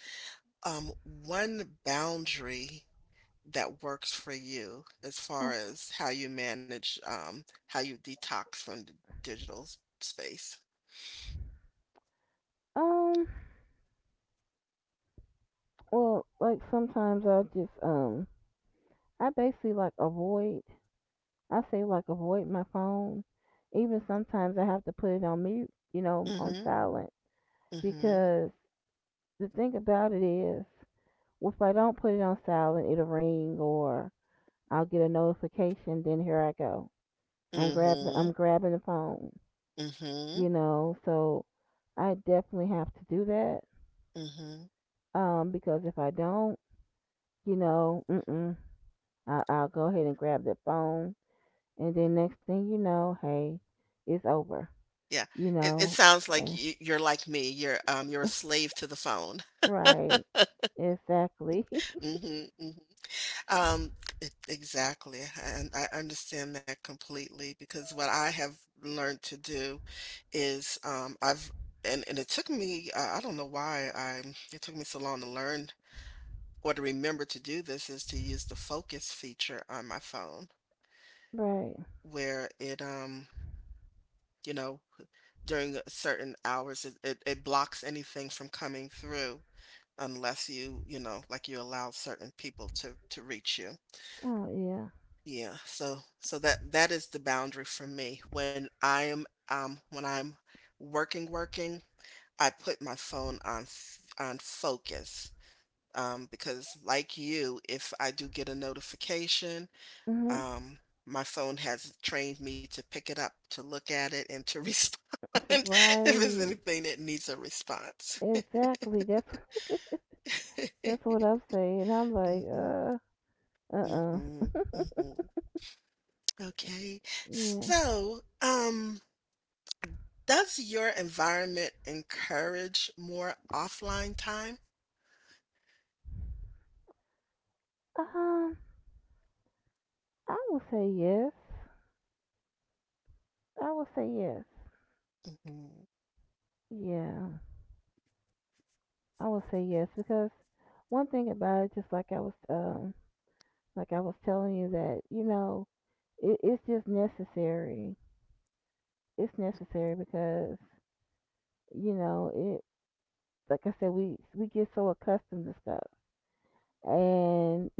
A: one boundary that works for you as far
B: Oh.
A: as how you manage, how you detox from the digital space.
B: Um. Well, like sometimes I just I basically like avoid. I say like avoid my phone. Even sometimes I have to put it on mute. On
A: Mhm,
B: silent,
A: mm mhm,
B: because the thing about it is, if I don't put it on silent, it'll ring or I'll get a notification. Then here I go.
A: mm
B: I'm grabbing
A: mhm,
B: I'm grabbing the phone,
A: mm mhm,
B: you know. So I definitely have to do that,
A: mm mhm.
B: because if I don't, mm-mm, I'll go ahead and grab that phone, and then next thing you know, hey, it's over,
A: Yeah,
B: you
A: it
B: know.
A: sounds like
B: And,
A: you're like me. You're a slave to the phone.
B: right, exactly,
A: mm mhm, mm mhm. Um, exactly. And I understand that completely because what I have learned to do is I've and it took me I don't know why I it took me so long to learn or to remember to do this is to use the focus feature on my phone
B: right.
A: where it you know during certain hours it blocks anything from coming through unless you you know like you allow certain people to reach you,
B: Oh yeah,
A: yeah. So that is the boundary for me when I am when I'm working. I put my phone on focus because like you, if I do get a notification.
B: hmm
A: Um, my phone has trained me to pick it up, to look at it, and to respond if it's
B: right,
A: anything that needs a response.
B: exactly. That's that's what I'm saying. I'm like,
A: Mhm,
B: uh, uh
A: mhm, mhm. Okay.
B: yeah.
A: So, does your environment encourage more offline time?
B: Um, I will say yes. I would say yes.
A: Mhm,
B: Yeah, I would say yes, because one thing about it, just like like I was telling you that it's just necessary. It's necessary because you know it. Like I said, we get so accustomed to stuff, and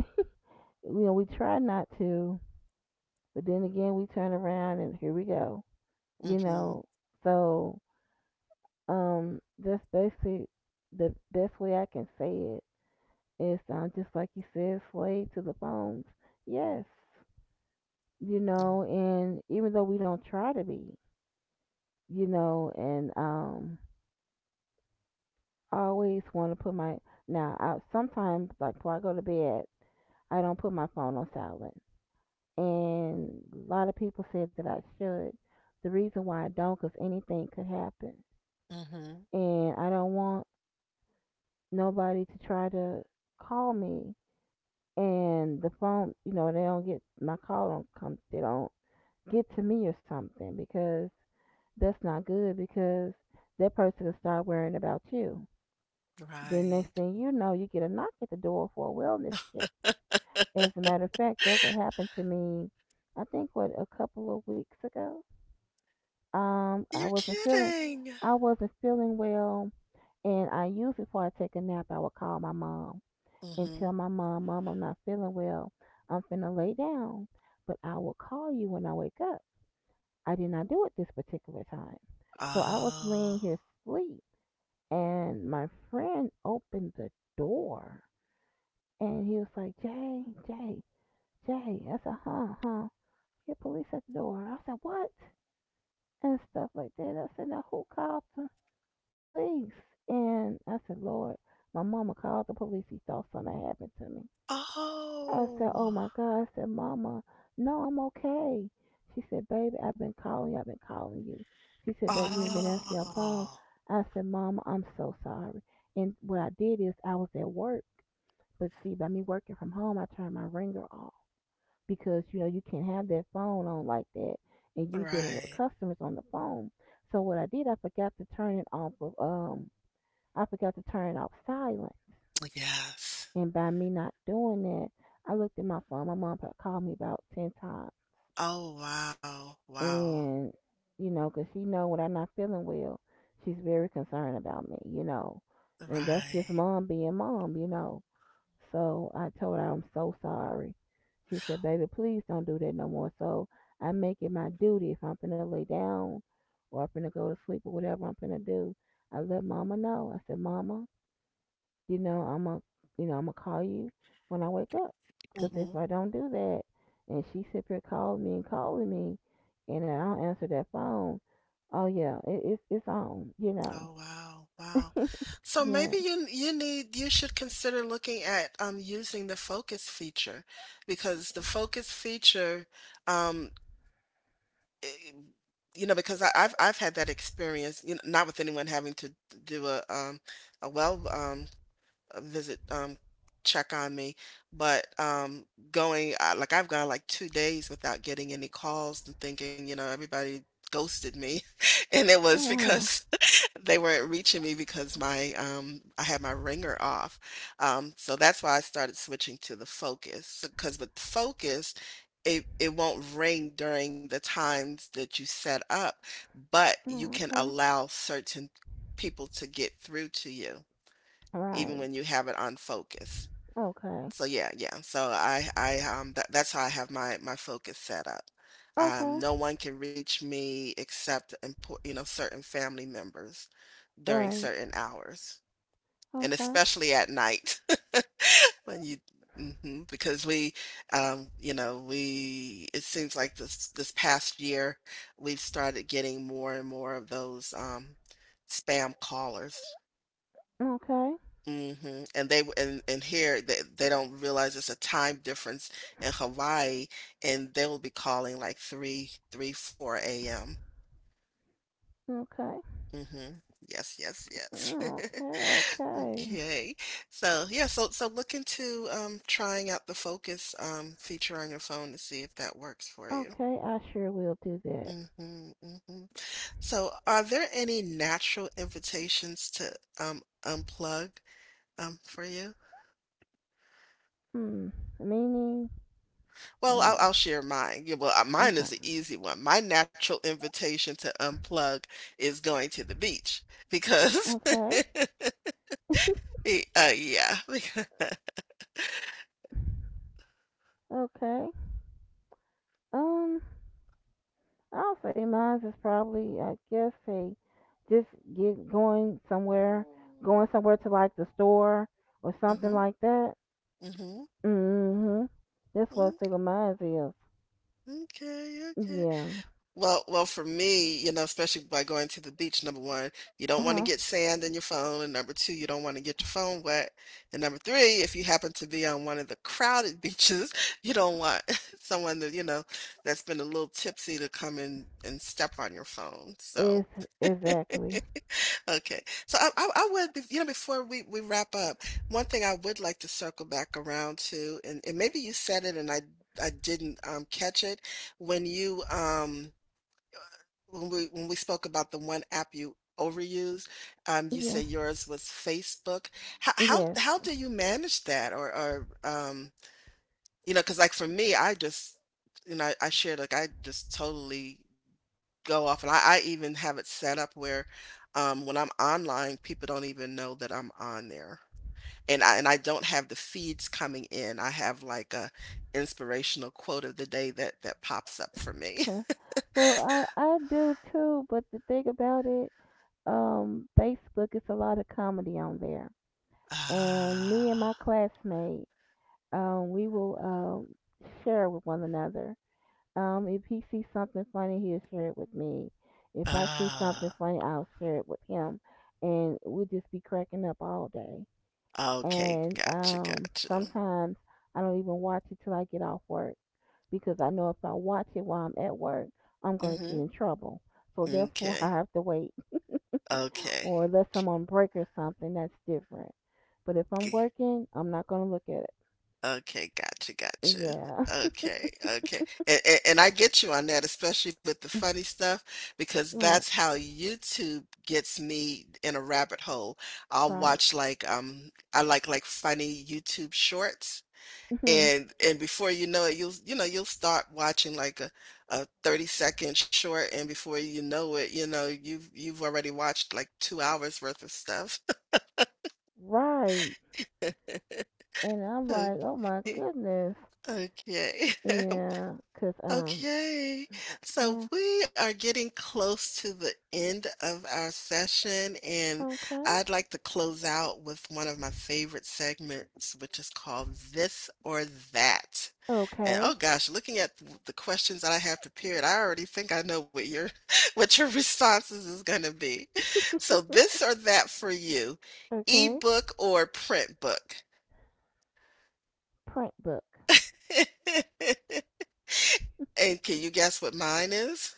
B: we try not to, but then again we turn around and here we go. You
A: mhm,
B: know, so, that's basically the best way I can say it. It sounds just like you said, slave to the phones. Yes,
A: mm,
B: and even though we don't try to be, and I always want to put my now. I sometimes, like, before I go to bed, I don't put my phone on silent, and a lot of people said that I should. The reason why I don't, because anything could happen,
A: mhm.
B: and I don't want nobody to try to call me, and the phone, they don't get my call don't come, they don't get to me or something, because that's not good, because that person will start worrying about you. Then next
A: Right.
B: thing you know, you get a knock at the door for a wellness check. As a matter of fact, that what happened to me, I think what a couple of weeks ago. Um,
A: You're
B: I wasn't feeling,
A: kidding.
B: I wasn't feeling well, and I usually before I take a nap, I would call my mom and tell
A: Mhm.
B: my mom, "Mom, I'm not feeling well. I'm finna lay down, but I will call you when I wake up." I did not do it this particular time. So I was
A: Oh.
B: laying here asleep, and my friend opened the door, and he was like, "Jay, Jay, Jay." I said, "Huh, huh. Your police at the door." I said, "What?" and stuff like that. I said, "Now who called the police?" And I said, "Lord, my mama called the police. He thought something happened to me." I said, "Oh
A: Oh.
B: my God!" I said, "Mama, no, I'm okay." She said, "Baby, I've been calling you. I've been calling you." She said, "Baby, you ain't been answering your phone."
A: Oh,
B: I said, "Mama, I'm so sorry." And what I did is I was at work, but see, by me working from home, I turned my ringer off because you know you can't have that phone on like that, and you dealing with
A: right.
B: customers on the phone. So what I did, I forgot to turn it off of I forgot to turn it off silent.
A: Yes.
B: And by me not doing that, I looked at my phone. My mom called me about 10 times,
A: Oh, wow. Wow.
B: and you know, 'cause she know when I'm not feeling well, she's very concerned about me. You know, and that's just
A: Right.
B: mom being mom. You know. So I told her I'm so sorry. She said, "Baby, please don't do that no more." So I make it my duty if I'm finna lay down or I'm finna go to sleep or whatever I'm finna do. I let Mama know. I said, "Mama, you know, I'm a, you know, I'm gonna call you when I wake up,
A: Hmm.
B: cause if
A: Oh,
B: I don't do that, and she sit here calling me, and I don't answer that phone, oh yeah, it's on. You know,
A: wow. Wow. So
B: yeah.
A: maybe you need, you should consider looking at using the focus feature, because the focus feature, um i- you know, because I've had that experience, you know, not with anyone having to do a well, visit, check on me. But like I've gone like 2 days without getting any calls and thinking, you know, everybody ghosted me, and it
B: Oh
A: was
B: wow.
A: because they weren't reaching me because my I had my ringer off. So that's why I started switching to the focus, because with focus, it won't ring during the times that you set up, but you
B: Oh,
A: can
B: okay.
A: allow certain people to get through to you even
B: Right.
A: when you have it on focus.
B: Okay.
A: So yeah, yeah. So I that's how I have my focus set up.
B: Okay.
A: No one can reach me except impor you know, certain family members during
B: Right.
A: certain hours, and
B: Okay.
A: especially at night when you, hmm, because we you know, we it seems like this past year we've started getting more and more of those spam callers.
B: Okay.
A: Mhm. And here, they don't realize it's a time difference in Hawaii, and they will be calling like four a.m.
B: Okay.
A: 4 AM. Mhm. Yes, yes, yes.
B: Okay. Okay.
A: Okay. So, yeah, so so look into, trying out the Focus, feature on your phone to see if that works for you.
B: Okay. I sure will do that.
A: Mhm, mhm. So, are there any natural invitations to, unplug, for you?
B: Hmm. Meaning,
A: Well,
B: like,
A: I'll share mine. Yeah, well, mine
B: okay.
A: is an easy one. My natural invitation to unplug is going to the beach because,
B: Okay.
A: yeah.
B: Okay. Um, I'll say mine is probably, I guess, say, just get going somewhere to like the store or something
A: Mhm,
B: like that.
A: mhm,
B: Mm-hmm. That's what
A: mm.
B: single minds is.
A: Okay, okay.
B: Yeah.
A: Well, for me, you know, especially by going to the beach, number 1, you don't wanna
B: Uh-huh.
A: get sand in your phone, and number 2, you don't wanna get your phone wet, and number 3, if you happen to be on one of the crowded beaches, you don't want someone that, you know, that's been a little tipsy to come in and step on your phone, so
B: Is exactly.
A: okay. So I would, be you know, before we wrap up, one thing I would like to circle back around to, and maybe you said it and I didn't, catch it, when you, um when we spoke about the one app you overused, you say
B: Yeah.
A: yours was Facebook. How how
B: Yes.
A: how do you manage that? Or you know, because like for me, I just, you know, I shared, like, I just totally go off, and I even have it set up where, when I'm online, people don't even know that I'm on there. And I don't have the feeds coming in. I have like a inspirational quote of the day that pops up for me.
B: Huh. Well, I do too, but the thing about it, Facebook is a lot of comedy on there, and me and my
A: Ah,
B: classmate, we will share with one another. If he sees something funny, he'll share it with me. If I see something
A: ah.
B: funny, I'll share it with him, and we'll just be cracking up all day.
A: Okay,
B: And
A: gotcha, gotcha.
B: sometimes I don't even watch it till I get off work because I know if I watch it while I'm at work, I'm gonna get
A: Mhm.
B: in trouble. So therefore, I
A: M'kay.
B: have to wait,
A: Okay.
B: or unless I'm on break or something, that's different. But if I'm
A: G
B: working, I'm not gonna look at
A: okay, gotcha,
B: it.
A: gotcha.
B: Yeah,
A: Okay, okay. And I get you on that, especially with the funny stuff, because
B: right,
A: that's how YouTube gets me in a rabbit hole. I'll
B: right,
A: watch, like, I like, funny YouTube shorts,
B: hmm,
A: and before you know it, you'll, you know, you'll start watching like a 30-second short, and before you know it, you know, you've already watched like 2 hours worth of stuff.
B: right. And I'm like, oh my
A: Okay,
B: goodness.
A: okay.
B: Yeah, 'cause
A: Okay, so
B: yeah,
A: we are getting close to the end of our session, and
B: okay.
A: I'd like to close out with one of my favorite segments, which is called This or That. And
B: Okay.
A: oh gosh, looking at the questions that I have prepared, I already think I know what your what your responses is going to be. So this or that for you,
B: okay.
A: ebook or print book?
B: Print book.
A: And can you guess what mine is?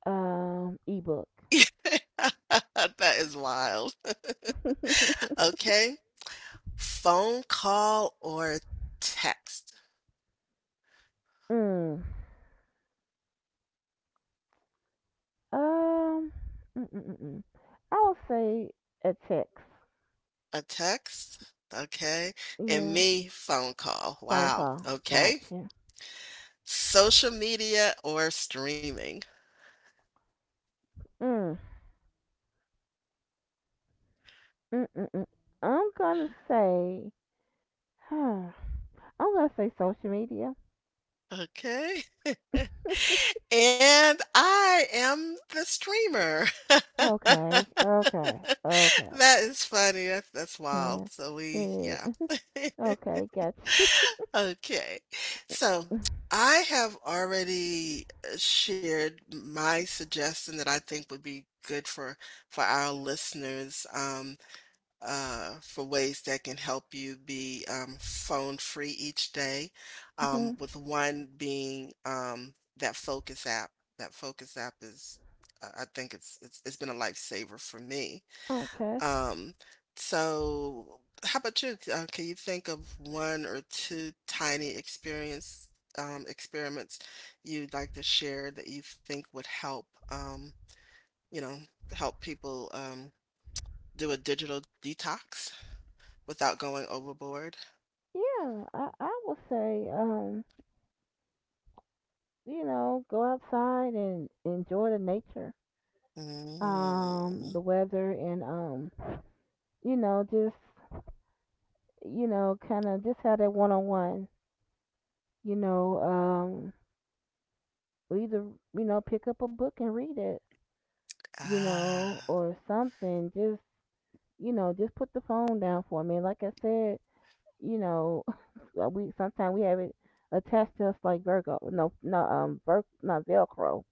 B: Ebook.
A: That is wild. Okay. Phone call or text?
B: Mm. Um, mm-mm-mm. I would say a text.
A: A text? Okay. And
B: Yeah.
A: me, phone call.
B: Phone
A: Wow.
B: call.
A: Okay.
B: Gotcha.
A: Social media or streaming?
B: Mm. Mm-mm-mm. I'm gonna say, huh. Social media.
A: Okay. And I am the streamer.
B: Okay. Okay. Okay.
A: That is funny. That's
B: Yeah.
A: wild. So we,
B: It
A: yeah.
B: is. Okay, gotcha.
A: Okay. So I have already shared my suggestion that I think would be good for our listeners, for ways that can help you be, phone free each day,
B: Hmm.
A: with one being, that Focus app. That Focus app is, I think it's been a lifesaver for me.
B: Okay.
A: Um, so how about you? Can you think of one or two tiny experience experiments you'd like to share that you think would help, you know, help people, do a digital detox without going overboard?
B: Yeah, I will say, you know, go outside and enjoy the nature,
A: Mm,
B: the weather, and you know, just you know, kind of just have that one on one. You know, or either you know, pick up a book and read it, you know,
A: ah,
B: or something. Just you know, just put the phone down for me. Like I said, you know, we sometimes we have it attached to us like Virgo, no, no, Vir, not Velcro,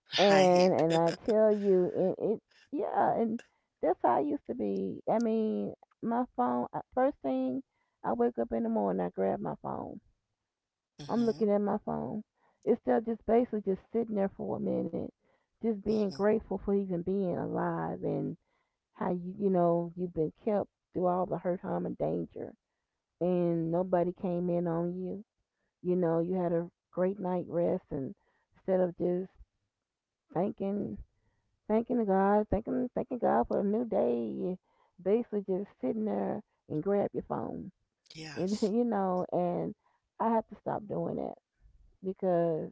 A: right.
B: and I tell you, it, it, yeah, and that's how I used to be. I mean, my phone. Uh, first thing I wake up in the morning, I grab my phone. I'm
A: Hmm.
B: looking at my phone. It's still just basically just sitting there for a minute, just being
A: Hmm.
B: grateful for even being alive and how you you know you've been kept through all the hurt, harm, and danger and nobody came in on you. You know, you had a great night rest and instead of just thanking thanking God for a new day, basically just sitting there and grab your phone. And
A: Yes,
B: you know, and I have to stop doing that because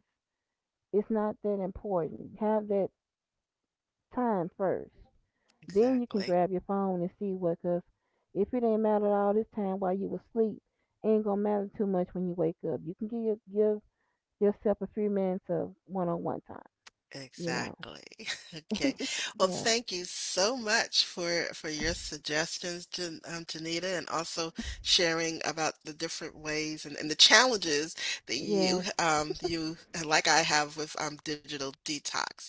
B: it's not that important. Have that time first. Then you can
A: exactly.
B: grab your phone and see what cause if it ain't matter all this time while you was asleep, ain't gonna matter too much when you wake up. You can give yourself a few minutes of one on one time, you know.
A: Exactly. Okay. Well,
B: Yeah.
A: thank you so much for your suggestions, Jan, Janita, and also sharing about the different ways and, the challenges that you
B: Yes.
A: you like I have with digital detox.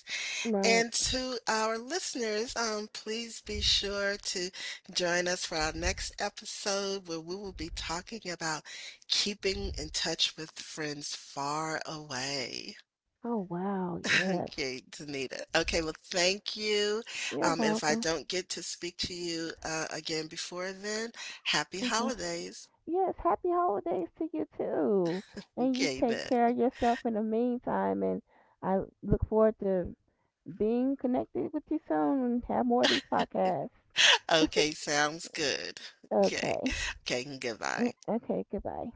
A: And
B: Right.
A: to our listeners, please be sure to join us for our next episode where we will be talking about keeping in touch with friends far away.
B: Oh wow, yes.
A: Okay, Danita. Okay, well, thank you.
B: You're
A: And if I
B: welcome.
A: don't get to speak to you again before then, happy
B: Okay.
A: holidays.
B: Yes, happy holidays to you too. And you
A: Okay,
B: take
A: then.
B: care of yourself in the meantime and I look forward to being connected with you soon and have more of these podcasts.
A: Okay, sounds good. Okay.
B: Okay.
A: Okay, goodbye.
B: Okay, goodbye.